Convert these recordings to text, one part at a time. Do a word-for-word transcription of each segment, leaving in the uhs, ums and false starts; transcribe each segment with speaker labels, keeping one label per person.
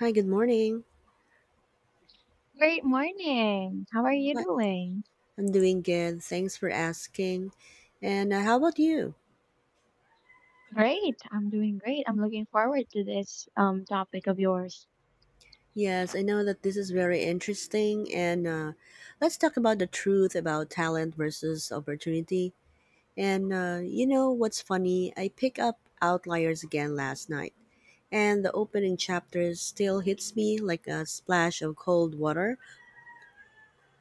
Speaker 1: Hi, good morning.
Speaker 2: Great morning. How are you
Speaker 1: What?
Speaker 2: doing?
Speaker 1: I'm doing good. Thanks for asking. And uh, How about you?
Speaker 2: Great. I'm doing great. I'm looking forward to this um topic of yours.
Speaker 1: Yes, I know that this is very interesting. And uh, Let's talk about the truth about talent versus opportunity. And uh, you know what's funny? I pick up Outliers again last night, and the opening chapter still hits me like a splash of cold water.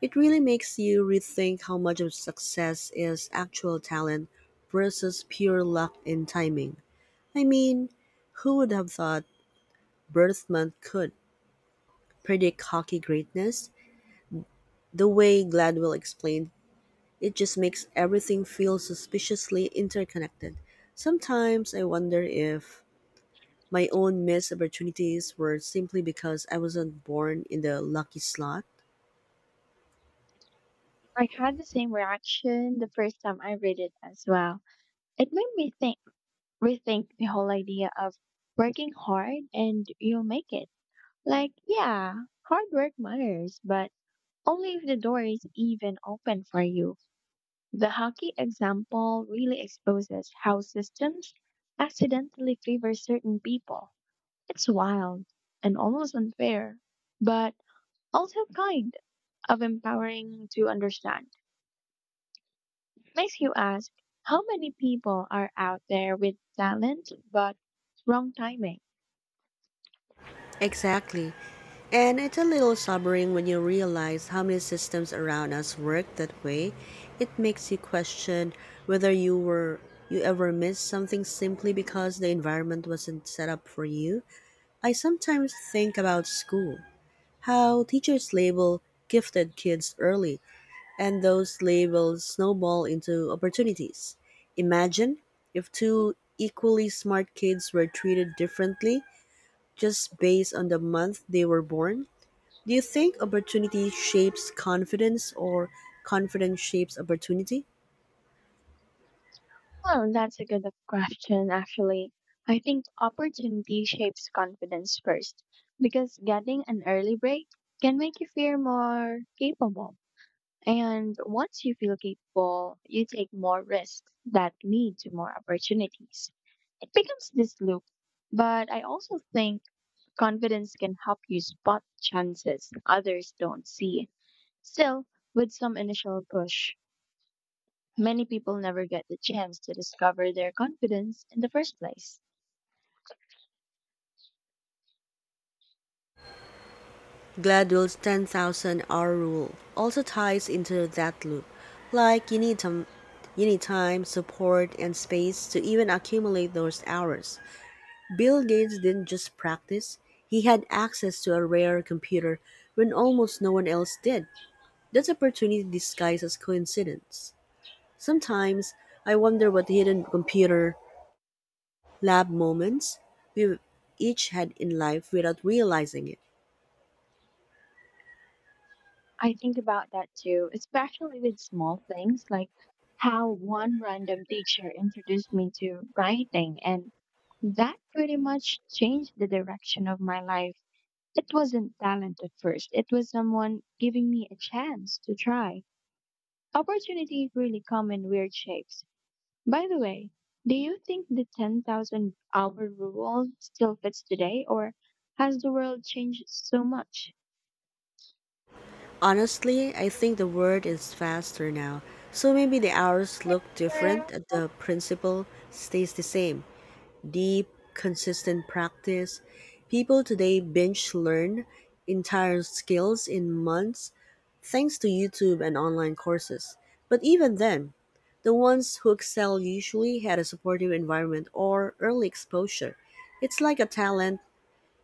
Speaker 1: It really makes you rethink how much of success is actual talent versus pure luck and timing. I mean, who would have thought Bertelsmann could predict hockey greatness? The way Gladwell explained, it just makes everything feel suspiciously interconnected. Sometimes I wonder if my own missed opportunities were simply because I wasn't born in the lucky slot.
Speaker 2: I had the same reaction the first time I read it as well. It made me think rethink the whole idea of working hard and you'll make it. Like, yeah, hard work matters, but only if the door is even open for you. The hockey example really exposes how systems accidentally favor certain people. It's wild and almost unfair, but also kind of empowering to understand. Makes you ask how many people are out there with talent but wrong timing?
Speaker 1: Exactly. And it's a little sobering when you realize how many systems around us work that way. It makes you question whether you were you ever missed something simply because the environment wasn't set up for you. I sometimes think about school, how teachers label gifted kids early, and those labels snowball into opportunities. Imagine if two equally smart kids were treated differently just based on the month they were born? Do you think opportunity shapes confidence or confidence shapes opportunity?
Speaker 2: Well, that's a good question, actually. I think opportunity shapes confidence first because getting an early break can make you feel more capable. And once you feel capable, you take more risks that lead to more opportunities. It becomes this loop. But I also think confidence can help you spot chances others don't see. Still, with some initial push, many people never get the chance to discover their confidence in the first place.
Speaker 1: Gladwell's ten thousand hour rule also ties into that loop. Like, you need, some, you need time, support, and space to even accumulate those hours. Bill Gates didn't just practice, he had access to a rare computer when almost no one else did. That's opportunity disguised as coincidence. Sometimes I wonder what hidden computer lab moments we've each had in life without realizing it.
Speaker 2: I think about that too, especially with small things like how one random teacher introduced me to writing, and that pretty much changed the direction of my life. It wasn't talent at first, it was someone giving me a chance to try. Opportunities really come in weird shapes. By the way, do you think the ten thousand hour rule still fits today, or has the world changed so much?
Speaker 1: Honestly, I think the word is faster now, so maybe the hours look different, but the principle stays the same. Deep, consistent practice. People today binge learn entire skills in months thanks to YouTube and online courses. But even then, the ones who excel usually had a supportive environment or early exposure. It's like a talent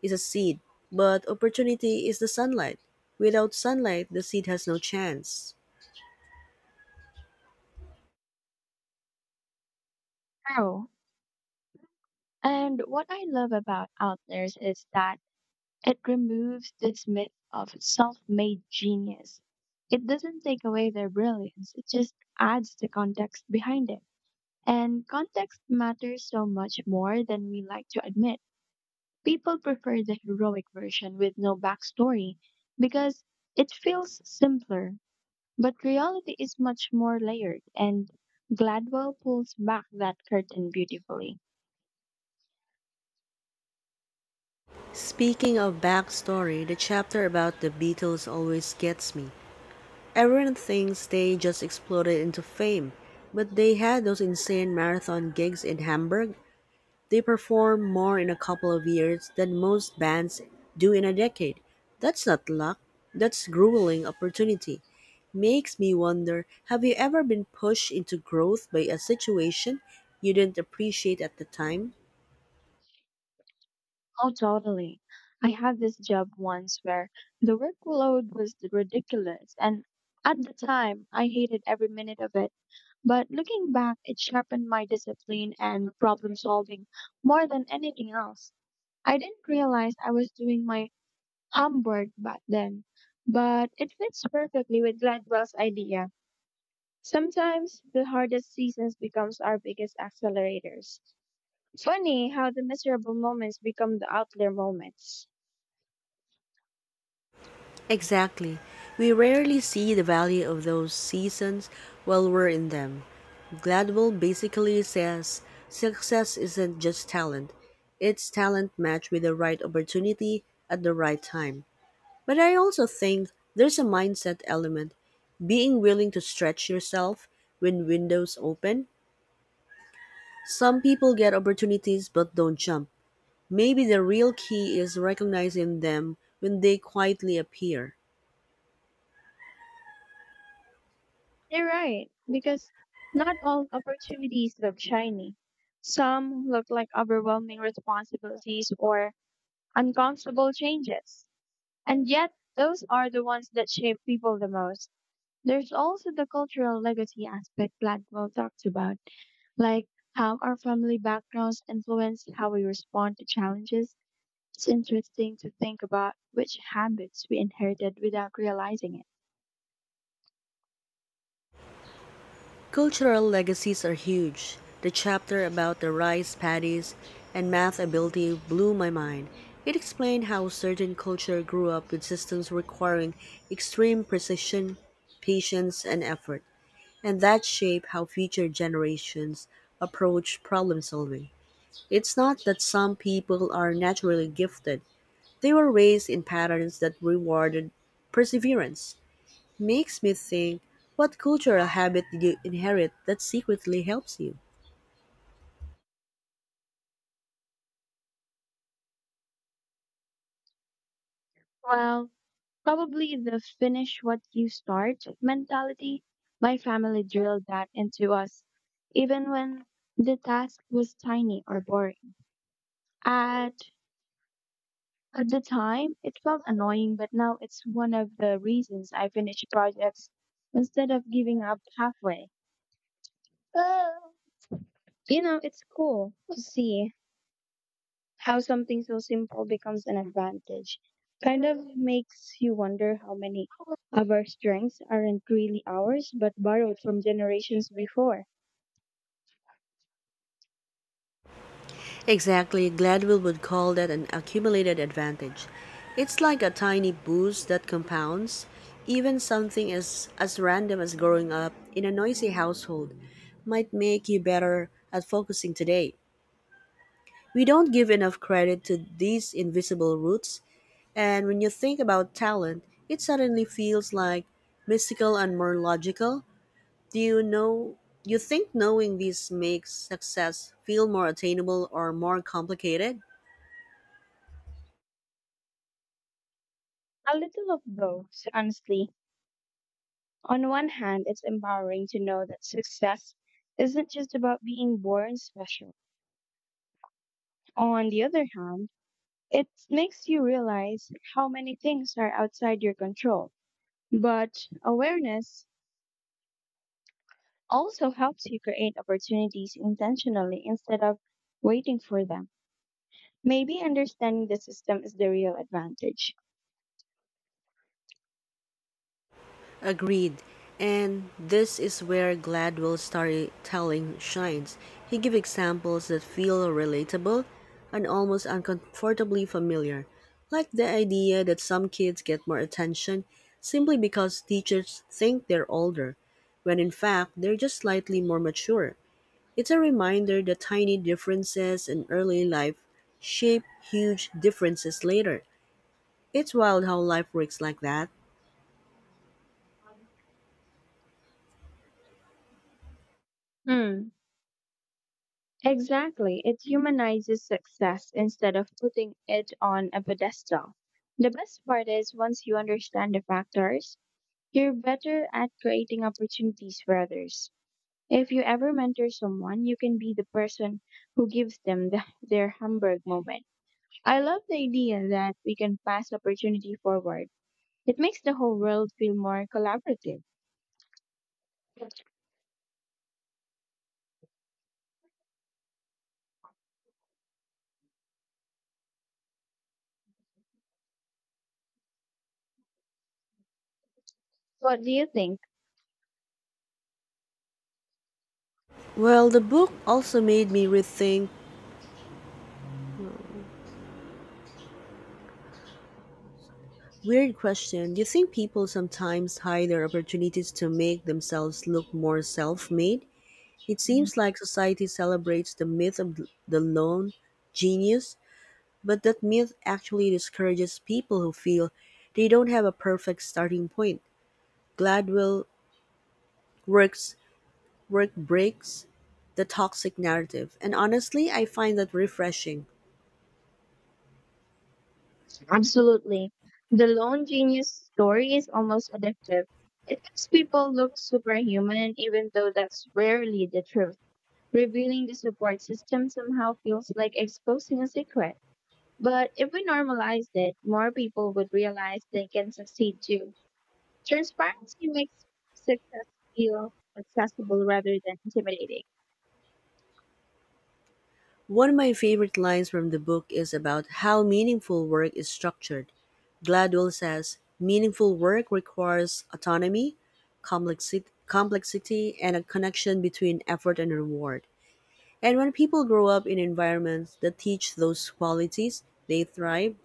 Speaker 1: is a seed, but opportunity is the sunlight. Without sunlight, the seed has no chance.
Speaker 2: Oh. And what I love about Outliers is that it removes this myth of self made genius. It doesn't take away their brilliance, it just adds the context behind it. And context matters so much more than we like to admit. People prefer the heroic version with no backstory because it feels simpler. But reality is much more layered, and Gladwell pulls back that curtain beautifully.
Speaker 1: Speaking of backstory, the chapter about the Beatles always gets me. Everyone thinks they just exploded into fame, but they had those insane marathon gigs in Hamburg. They perform more in a couple of years than most bands do in a decade. That's not luck, that's grueling opportunity. Makes me wonder, have you ever been pushed into growth by a situation you didn't appreciate at the time?
Speaker 2: Oh, totally. I had this job once where the workload was ridiculous, and at the time, I hated every minute of it. But looking back, it sharpened my discipline and problem solving more than anything else. I didn't realize I was doing my homework back then, but it fits perfectly with Gladwell's idea. Sometimes the hardest seasons becomes our biggest accelerators. Funny how the miserable moments become the outlier moments.
Speaker 1: Exactly. We rarely see the value of those seasons while we're in them. Gladwell basically says success isn't just talent, it's talent matched with the right opportunity at the right time. But I also think there's a mindset element, being willing to stretch yourself when windows open. Some people get opportunities but don't jump. Maybe the real key is recognizing them when they quietly appear.
Speaker 2: You're right, because not all opportunities look shiny. Some look like overwhelming responsibilities or uncomfortable changes. And yet, those are the ones that shape people the most. There's also the cultural legacy aspect Gladwell talks about, like how our family backgrounds influence how we respond to challenges. It's interesting to think about which habits we inherited without realizing it.
Speaker 1: Cultural legacies are huge. The chapter about the rice paddies and math ability blew my mind. It explained how certain culture grew up with systems requiring extreme precision, patience, and effort, and that shape how future generations approach problem solving. It's not that some people are naturally gifted, they were raised in patterns that rewarded perseverance. Makes me think, what cultural habit did you inherit that secretly helps you?
Speaker 2: Well, probably the finish what you start mentality. My family drilled that into us, even when the task was tiny or boring. At, at the time, it felt annoying, but now it's one of the reasons I finish projects instead of giving up halfway. You know, it's cool to see how something so simple becomes an advantage, kind of makes you wonder how many of our strengths aren't really ours but borrowed from generations before.
Speaker 1: Exactly, Gladwell would call that an accumulated advantage. It's like a tiny boost that compounds. Even something as, as random as growing up in a noisy household might make you better at focusing today. We don't give enough credit to these invisible roots, and when you think about talent, it suddenly feels like mystical and more logical. Do you know, you think knowing this makes success feel more attainable or more complicated?
Speaker 2: A little of both, honestly. On one hand, it's empowering to know that success isn't just about being born special. On the other hand, it makes you realize how many things are outside your control. But awareness also helps you create opportunities intentionally instead of waiting for them. Maybe understanding the system is the real advantage.
Speaker 1: Agreed. And this is where Gladwell's storytelling shines. He gives examples that feel relatable and almost uncomfortably familiar, like the idea that some kids get more attention simply because teachers think they're older, when in fact they're just slightly more mature. It's a reminder that tiny differences in early life shape huge differences later. It's wild how life works like that.
Speaker 2: Hmm. Exactly. It humanizes success instead of putting it on a pedestal. The best part is once you understand the factors, you're better at creating opportunities for others. If you ever mentor someone, you can be the person who gives them the, their Hamburg moment. I love the idea that we can pass opportunity forward. It makes the whole world feel more collaborative. What do you think?
Speaker 1: Well, the book also made me rethink, weird question. Do you think people sometimes hide their opportunities to make themselves look more self-made? It seems like society celebrates the myth of the lone genius, but that myth actually discourages people who feel they don't have a perfect starting point. Gladwell works work breaks the toxic narrative, and honestly, I find that refreshing.
Speaker 2: Absolutely. The lone genius story is almost addictive. It makes people look superhuman, even though that's rarely the truth. Revealing the support system somehow feels like exposing a secret. But if we normalized it, more people would realize they can succeed too. Transparency makes success feel accessible rather than intimidating.
Speaker 1: One of my favorite lines from the book is about how meaningful work is structured. Gladwell says meaningful work requires autonomy, complexi- complexity, and a connection between effort and reward. And when people grow up in environments that teach those qualities, they thrive.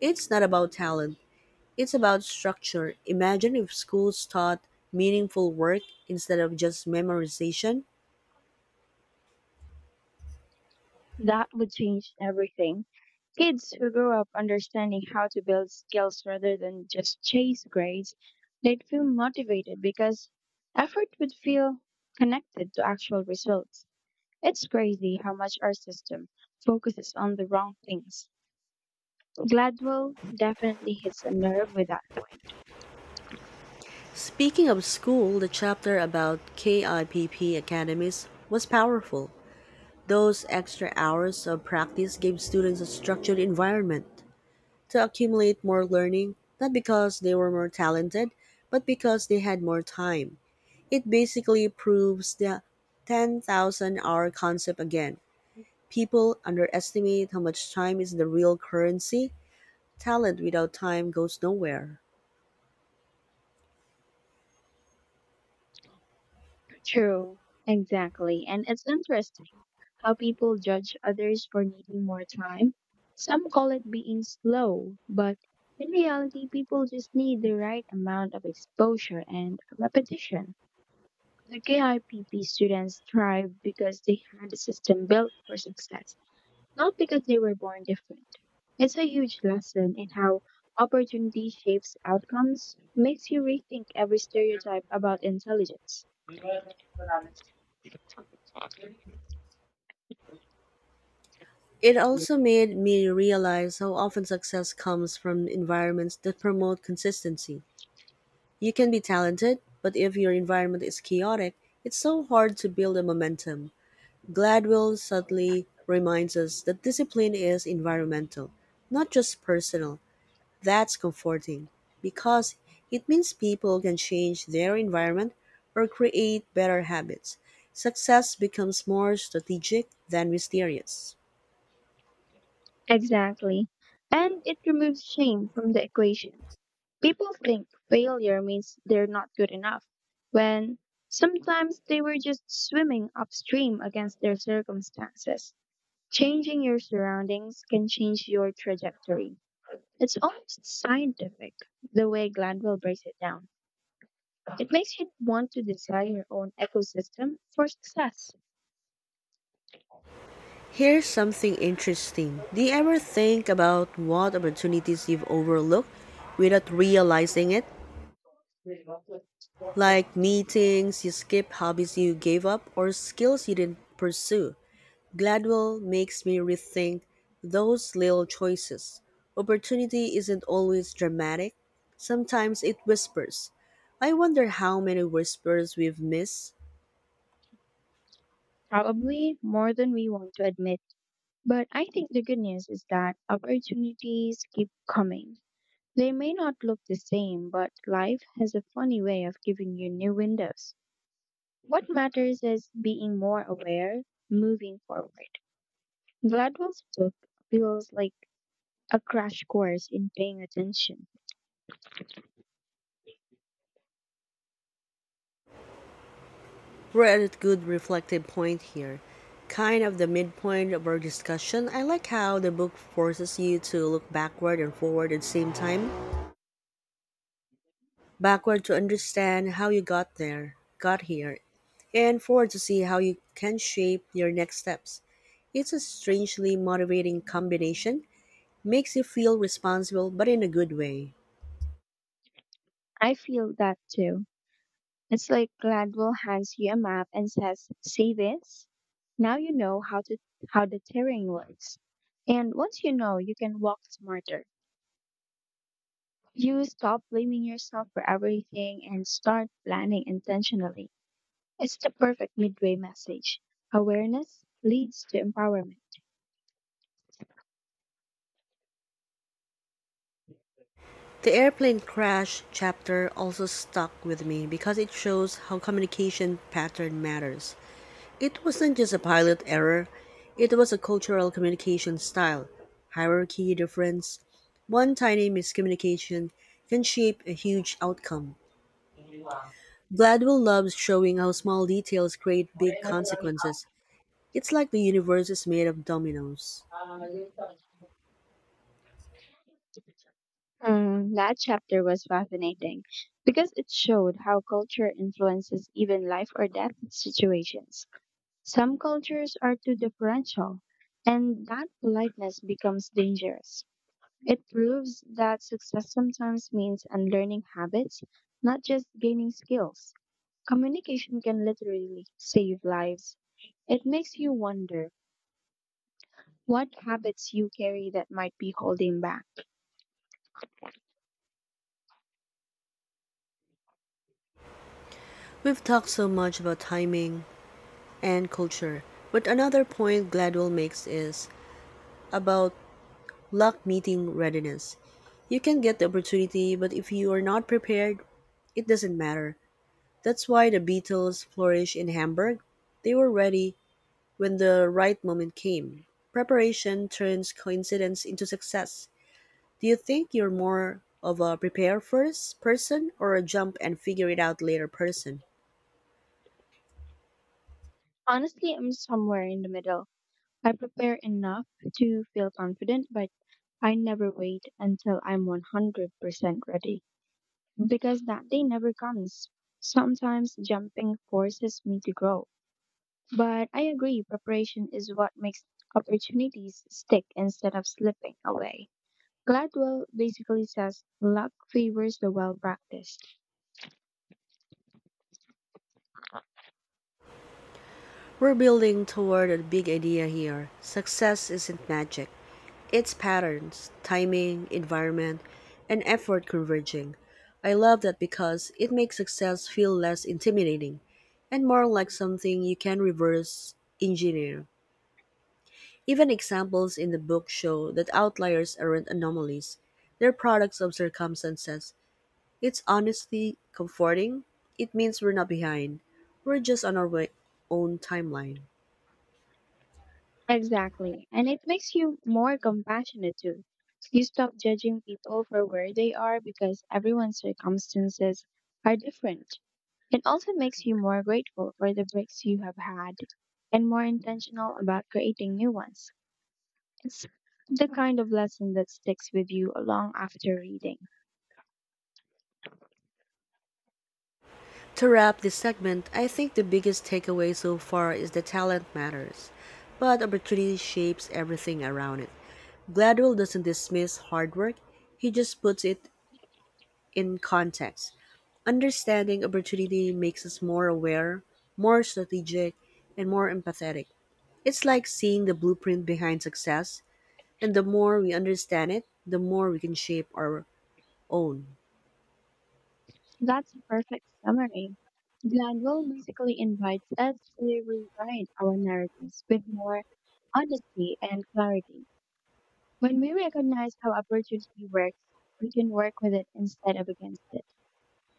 Speaker 1: It's not about talent, it's about structure. Imagine if schools taught meaningful work instead of just memorization.
Speaker 2: That would change everything. Kids who grow up understanding how to build skills rather than just chase grades, they'd feel motivated because effort would feel connected to actual results. It's crazy how much our system focuses on the wrong things. Gladwell definitely hits a nerve with that point.
Speaker 1: Speaking of school, the chapter about KIPP academies was powerful. Those extra hours of practice gave students a structured environment to accumulate more learning, not because they were more talented, but because they had more time. It basically proves the ten thousand hour concept again. People underestimate how much time is the real currency. Talent without time goes nowhere.
Speaker 2: True, exactly. And it's interesting how people judge others for needing more time. Some call it being slow, but in reality, people just need the right amount of exposure and repetition. The KIPP students thrive because they had a system built for success, not because they were born different. It's a huge lesson in how opportunity shapes outcomes, makes you rethink every stereotype about intelligence.
Speaker 1: It also made me realize how often success comes from environments that promote consistency. You can be talented, but if your environment is chaotic, it's so hard to build a momentum. Gladwell subtly reminds us that discipline is environmental, not just personal. That's comforting because it means people can change their environment or create better habits. Success becomes more strategic than mysterious.
Speaker 2: Exactly. And it removes shame from the equation. People think failure means they're not good enough, when sometimes they were just swimming upstream against their circumstances. Changing your surroundings can change your trajectory. It's almost scientific, the way Gladwell breaks it down. It makes you want to design your own ecosystem for success,
Speaker 1: Here's something interesting. Do you ever think about what opportunities you've overlooked without realizing it? Like meetings you skipped, hobbies you gave up, or skills you didn't pursue. Gladwell makes me rethink those little choices. Opportunity isn't always dramatic, sometimes it whispers. I wonder how many whispers we've missed.
Speaker 2: probably more than we want to admit. But I think the good news is that opportunities keep coming. They may not look the same, but life has a funny way of giving you new windows. What matters is being more aware, moving forward. Gladwell's book feels like a crash course in paying attention.
Speaker 1: We're at a good reflective point here, kind of the midpoint of our discussion. I like how the book forces you to look backward and forward at the same time. Backward to understand how you got there, got here, and forward to see how you can shape your next steps. It's a strangely motivating combination, makes you feel responsible but in a good way.
Speaker 2: I feel that too. It's like Gladwell hands you a map and says, "See this? Now you know how to how the terrain works." And once you know, you can walk smarter. You stop blaming yourself for everything and start planning intentionally. It's the perfect midway message. Awareness leads to empowerment.
Speaker 1: The airplane crash chapter also stuck with me because it shows how communication pattern matters. It wasn't just a pilot error, it was a cultural communication style, hierarchy difference. One tiny miscommunication can shape a huge outcome. Gladwell loves showing how small details create big consequences. It's like the universe is made of dominoes.
Speaker 2: Mm, that chapter was fascinating because it showed how culture influences even life or death situations. Some cultures are too deferential, and that politeness becomes dangerous. It proves that success sometimes means unlearning habits, not just gaining skills. Communication can literally save lives. It makes you wonder what habits you carry that might be holding back.
Speaker 1: We've talked so much about timing and culture, but another point Gladwell makes is about luck meeting readiness. You can get the opportunity, but if you are not prepared, it doesn't matter. That's why the Beatles flourished in Hamburg. They were ready when the right moment came. Preparation turns coincidence into success. Do you think you're more of a prepare first person or a jump and figure it out later person?
Speaker 2: Honestly, I'm somewhere in the middle. I prepare enough to feel confident, but I never wait until I'm one hundred percent ready because that day never comes. Sometimes jumping forces me to grow. But I agree, preparation is what makes opportunities stick instead of slipping away. Gladwell basically says luck favors the well practiced.
Speaker 1: We're building toward a big idea here. Success isn't magic. It's patterns, timing, environment, and effort converging. I love that because it makes success feel less intimidating and more like something you can reverse engineer. Even examples in the book show that outliers aren't anomalies, they're products of circumstances. It's honestly comforting. It means we're not behind, we're just on our way- own timeline.
Speaker 2: Exactly. And it makes you more compassionate too. You stop judging people for where they are because everyone's circumstances are different. It also makes you more grateful for the breaks you have had and more intentional about creating new ones. It's the kind of lesson that sticks with you long after reading.
Speaker 1: To wrap this segment, I think the biggest takeaway so far is that talent matters, but opportunity shapes everything around it. Gladwell doesn't dismiss hard work, he just puts it in context. Understanding opportunity makes us more aware, more strategic, and more empathetic. It's like seeing the blueprint behind success, and the more we understand it, the more we can shape our own.
Speaker 2: That's a perfect summary. Glanville basically invites us to rewrite our narratives with more honesty and clarity. When we recognize how opportunity works, we can work with it instead of against it.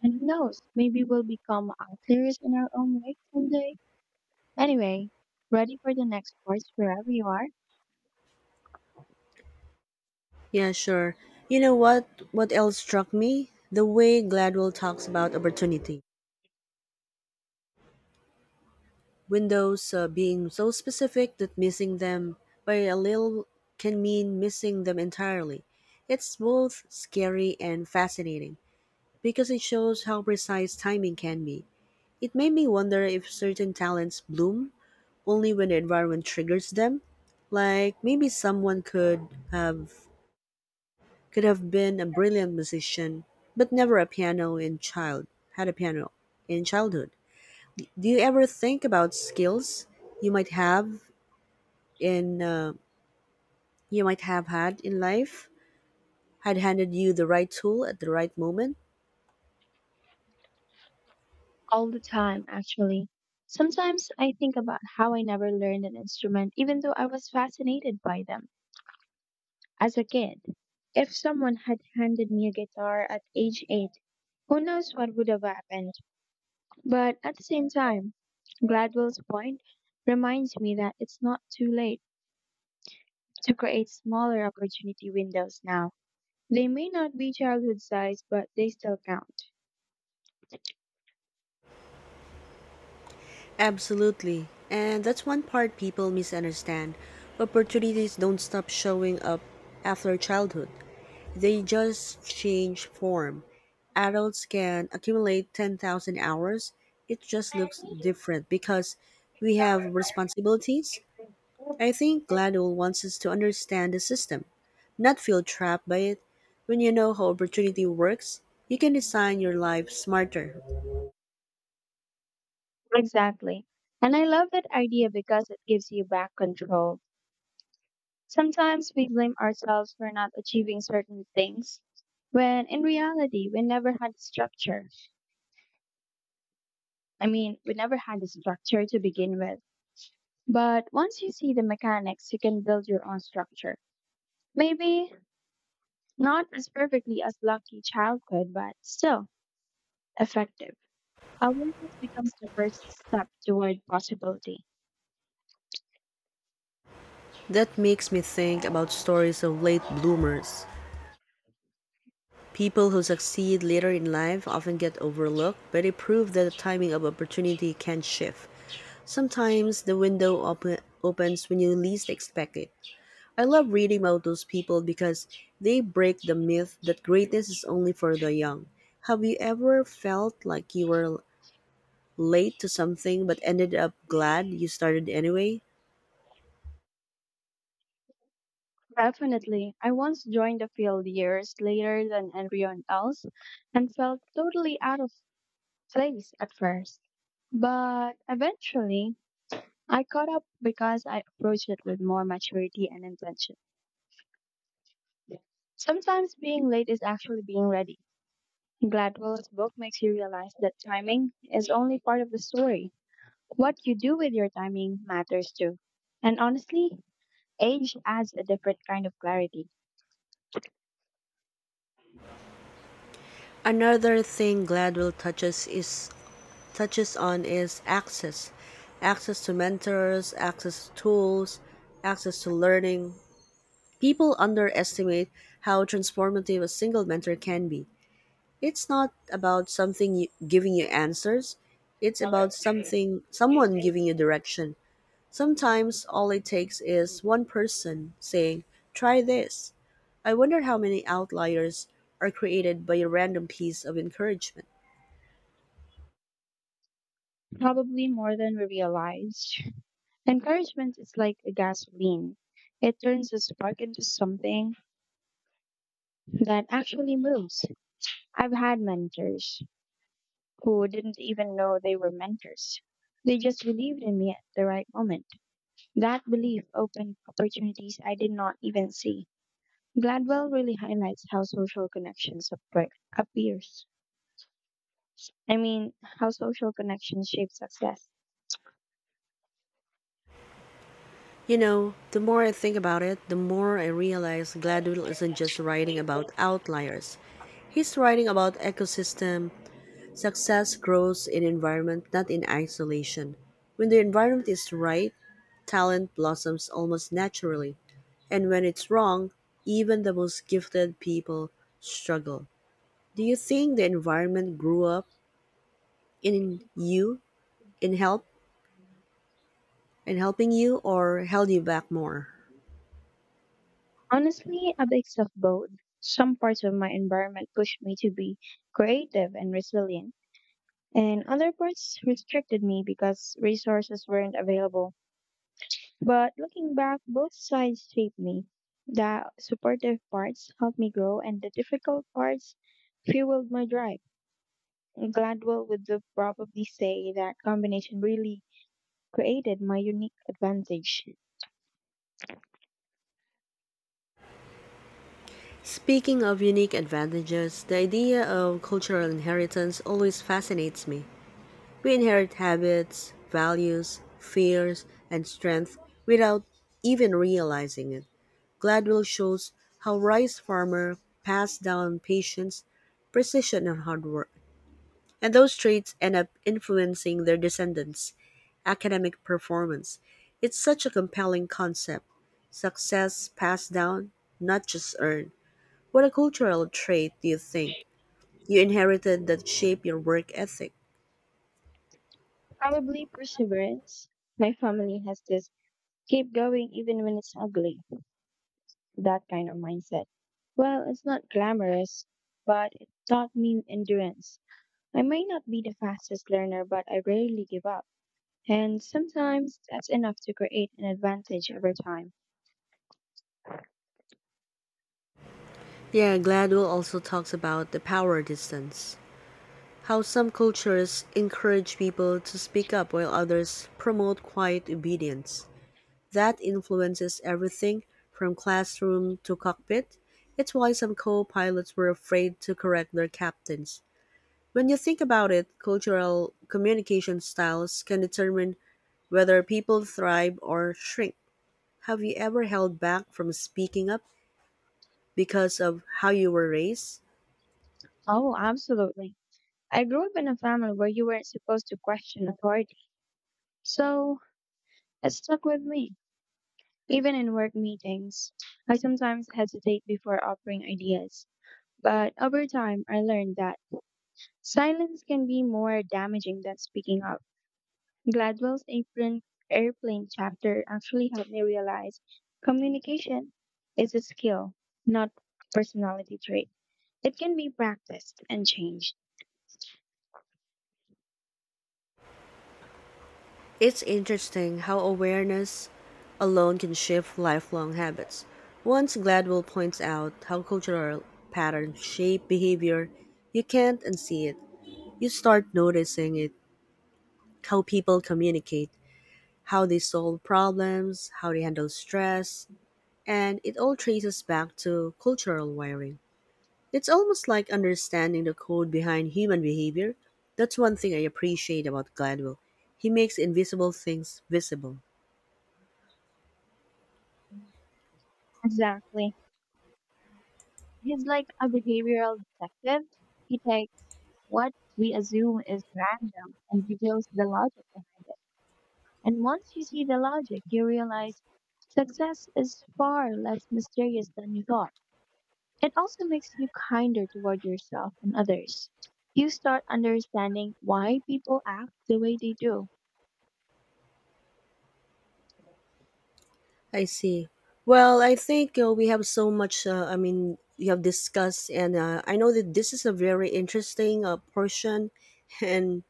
Speaker 2: And who knows, maybe we'll become outliers in our own way someday. Anyway, ready for the next course wherever you are?
Speaker 1: Yeah, sure. You know what? What else struck me? The way Gladwell talks about opportunity windows uh, being so specific that missing them by a little can mean missing them entirely. It's both scary and fascinating because it shows how precise timing can be. It made me wonder if certain talents bloom only when the environment triggers them. Like maybe someone could have could have been a brilliant musician, but never a piano in child had a piano in childhood. Do you ever think about skills you might have in uh, you might have had in life had handed you the right tool at the right moment?
Speaker 2: All the time, actually. Sometimes I think about how I never learned an instrument even though I was fascinated by them. As a kid, if someone had handed me a guitar at age eight, who knows what would have happened. But at the same time, Gladwell's point reminds me that it's not too late to create smaller opportunity windows now. They may not be childhood size, but they still count.
Speaker 1: Absolutely. And that's one part people misunderstand. Opportunities don't stop showing up after childhood, they just change form. Adults can accumulate ten thousand hours, it just looks different because we have responsibilities. I think Gladwell wants us to understand the system, not feel trapped by it. When you know how opportunity works, you can design your life smarter.
Speaker 2: Exactly. And I love that idea because it gives you back control. Sometimes we blame ourselves for not achieving certain things, when in reality, we never had structure. I mean, we never had a structure to begin with. But once you see the mechanics, you can build your own structure. Maybe not as perfectly as Lucky Child could, but still effective. Awareness becomes the first step toward possibility.
Speaker 1: That makes me think about stories of late bloomers. People who succeed later in life often get overlooked, but it proves that the timing of opportunity can shift. Sometimes the window op- opens when you least expect it. I love reading about those people because they break the myth that greatness is only for the young. Have you ever felt like you were late to something but ended up glad you started anyway?
Speaker 2: Definitely. I once joined the field years later than everyone else and felt totally out of place at first. But eventually, I caught up because I approached it with more maturity and intention. Sometimes being late is actually being ready. Gladwell's book makes you realize that timing is only part of the story. What you do with your timing matters too. And honestly, age adds a different kind of clarity,
Speaker 1: Another thing Gladwell touches is touches on is access access to mentors, access to tools, access to learning. People underestimate how transformative a single mentor can be. It's not about something you, giving you answers, it's about something someone giving you direction. Sometimes all it takes is one person saying, "Try this." I wonder how many outliers are created by a random piece of encouragement.
Speaker 2: probably more than we realize. Encouragement is like a gasoline. It turns a spark into something that actually moves. I've had mentors who didn't even know they were mentors. They just believed in me at the right moment. That belief opened opportunities I did not even see. Gladwell really highlights how social connections appre- appears. I mean, how social connections shape success.
Speaker 1: You know, the more I think about it, the more I realize Gladwell isn't just writing about outliers. He's writing about ecosystem. Success grows in environment, not in isolation. When the environment is right, talent blossoms almost naturally. And when it's wrong, even the most gifted people struggle. Do you think the environment grew up in you, in help, in helping you, or held you back more?
Speaker 2: Honestly, a mix of both. Some parts of my environment pushed me to be creative and resilient, and other parts restricted me because resources weren't available. But looking back, both sides shaped me. The supportive parts helped me grow, and the difficult parts fueled my drive. Gladwell would probably say that combination really created my unique advantage.
Speaker 1: Speaking of unique advantages, the idea of cultural inheritance always fascinates me. We inherit habits, values, fears, and strength without even realizing it. Gladwell shows how rice farmer pass down patience, precision, and hard work, and those traits end up influencing their descendants' academic performance. It's such a compelling concept. Success passed down, not just earned. What a cultural trait do you think you inherited that shaped your work ethic?
Speaker 2: Probably perseverance. My family has this keep going even when it's ugly, that kind of mindset. Well, it's not glamorous, but it taught me endurance. I may not be the fastest learner, but I rarely give up. And sometimes that's enough to create an advantage over time.
Speaker 1: Yeah, Gladwell also talks about the power distance. How some cultures encourage people to speak up while others promote quiet obedience. That influences everything from classroom to cockpit. It's why some co pilots were afraid to correct their captains. When you think about it, cultural communication styles can determine whether people thrive or shrink. Have you ever held back from speaking up because of how you were raised?
Speaker 2: Oh, absolutely. I grew up in a family where you weren't supposed to question authority. So it stuck with me, even in work meetings. I sometimes hesitate before offering ideas, but over time I learned that silence can be more damaging than speaking up. Gladwell's apron airplane chapter actually helped me realize communication is a skill, not a personality trait. It can be practiced and changed.
Speaker 1: It's interesting how awareness alone can shift lifelong habits. Once Gladwell points out how cultural patterns shape behavior, you can't unsee it. You start noticing it, how people communicate, how they solve problems, how they handle stress, and it all traces back to cultural wiring. It's almost like understanding the code behind human behavior. That's one thing I appreciate about Gladwell. He makes invisible things visible.
Speaker 2: Exactly. He's like a behavioral detective. He takes what we assume is random and reveals the logic behind it. And once you see the logic, you realize success is far less mysterious than you thought. It also makes you kinder toward yourself and others. You start understanding why people act the way they do.
Speaker 1: I see. Well, I think uh, we have so much, uh, I mean, you have discussed, and uh, I know that this is a very interesting uh, portion, and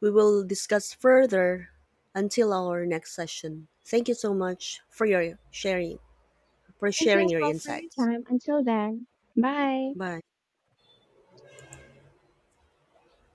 Speaker 1: we will discuss further until our next session. Thank you so much for your sharing, for
Speaker 2: Thank you
Speaker 1: sharing
Speaker 2: as
Speaker 1: your
Speaker 2: well for your
Speaker 1: insights.
Speaker 2: time. Until then, bye.
Speaker 1: Bye.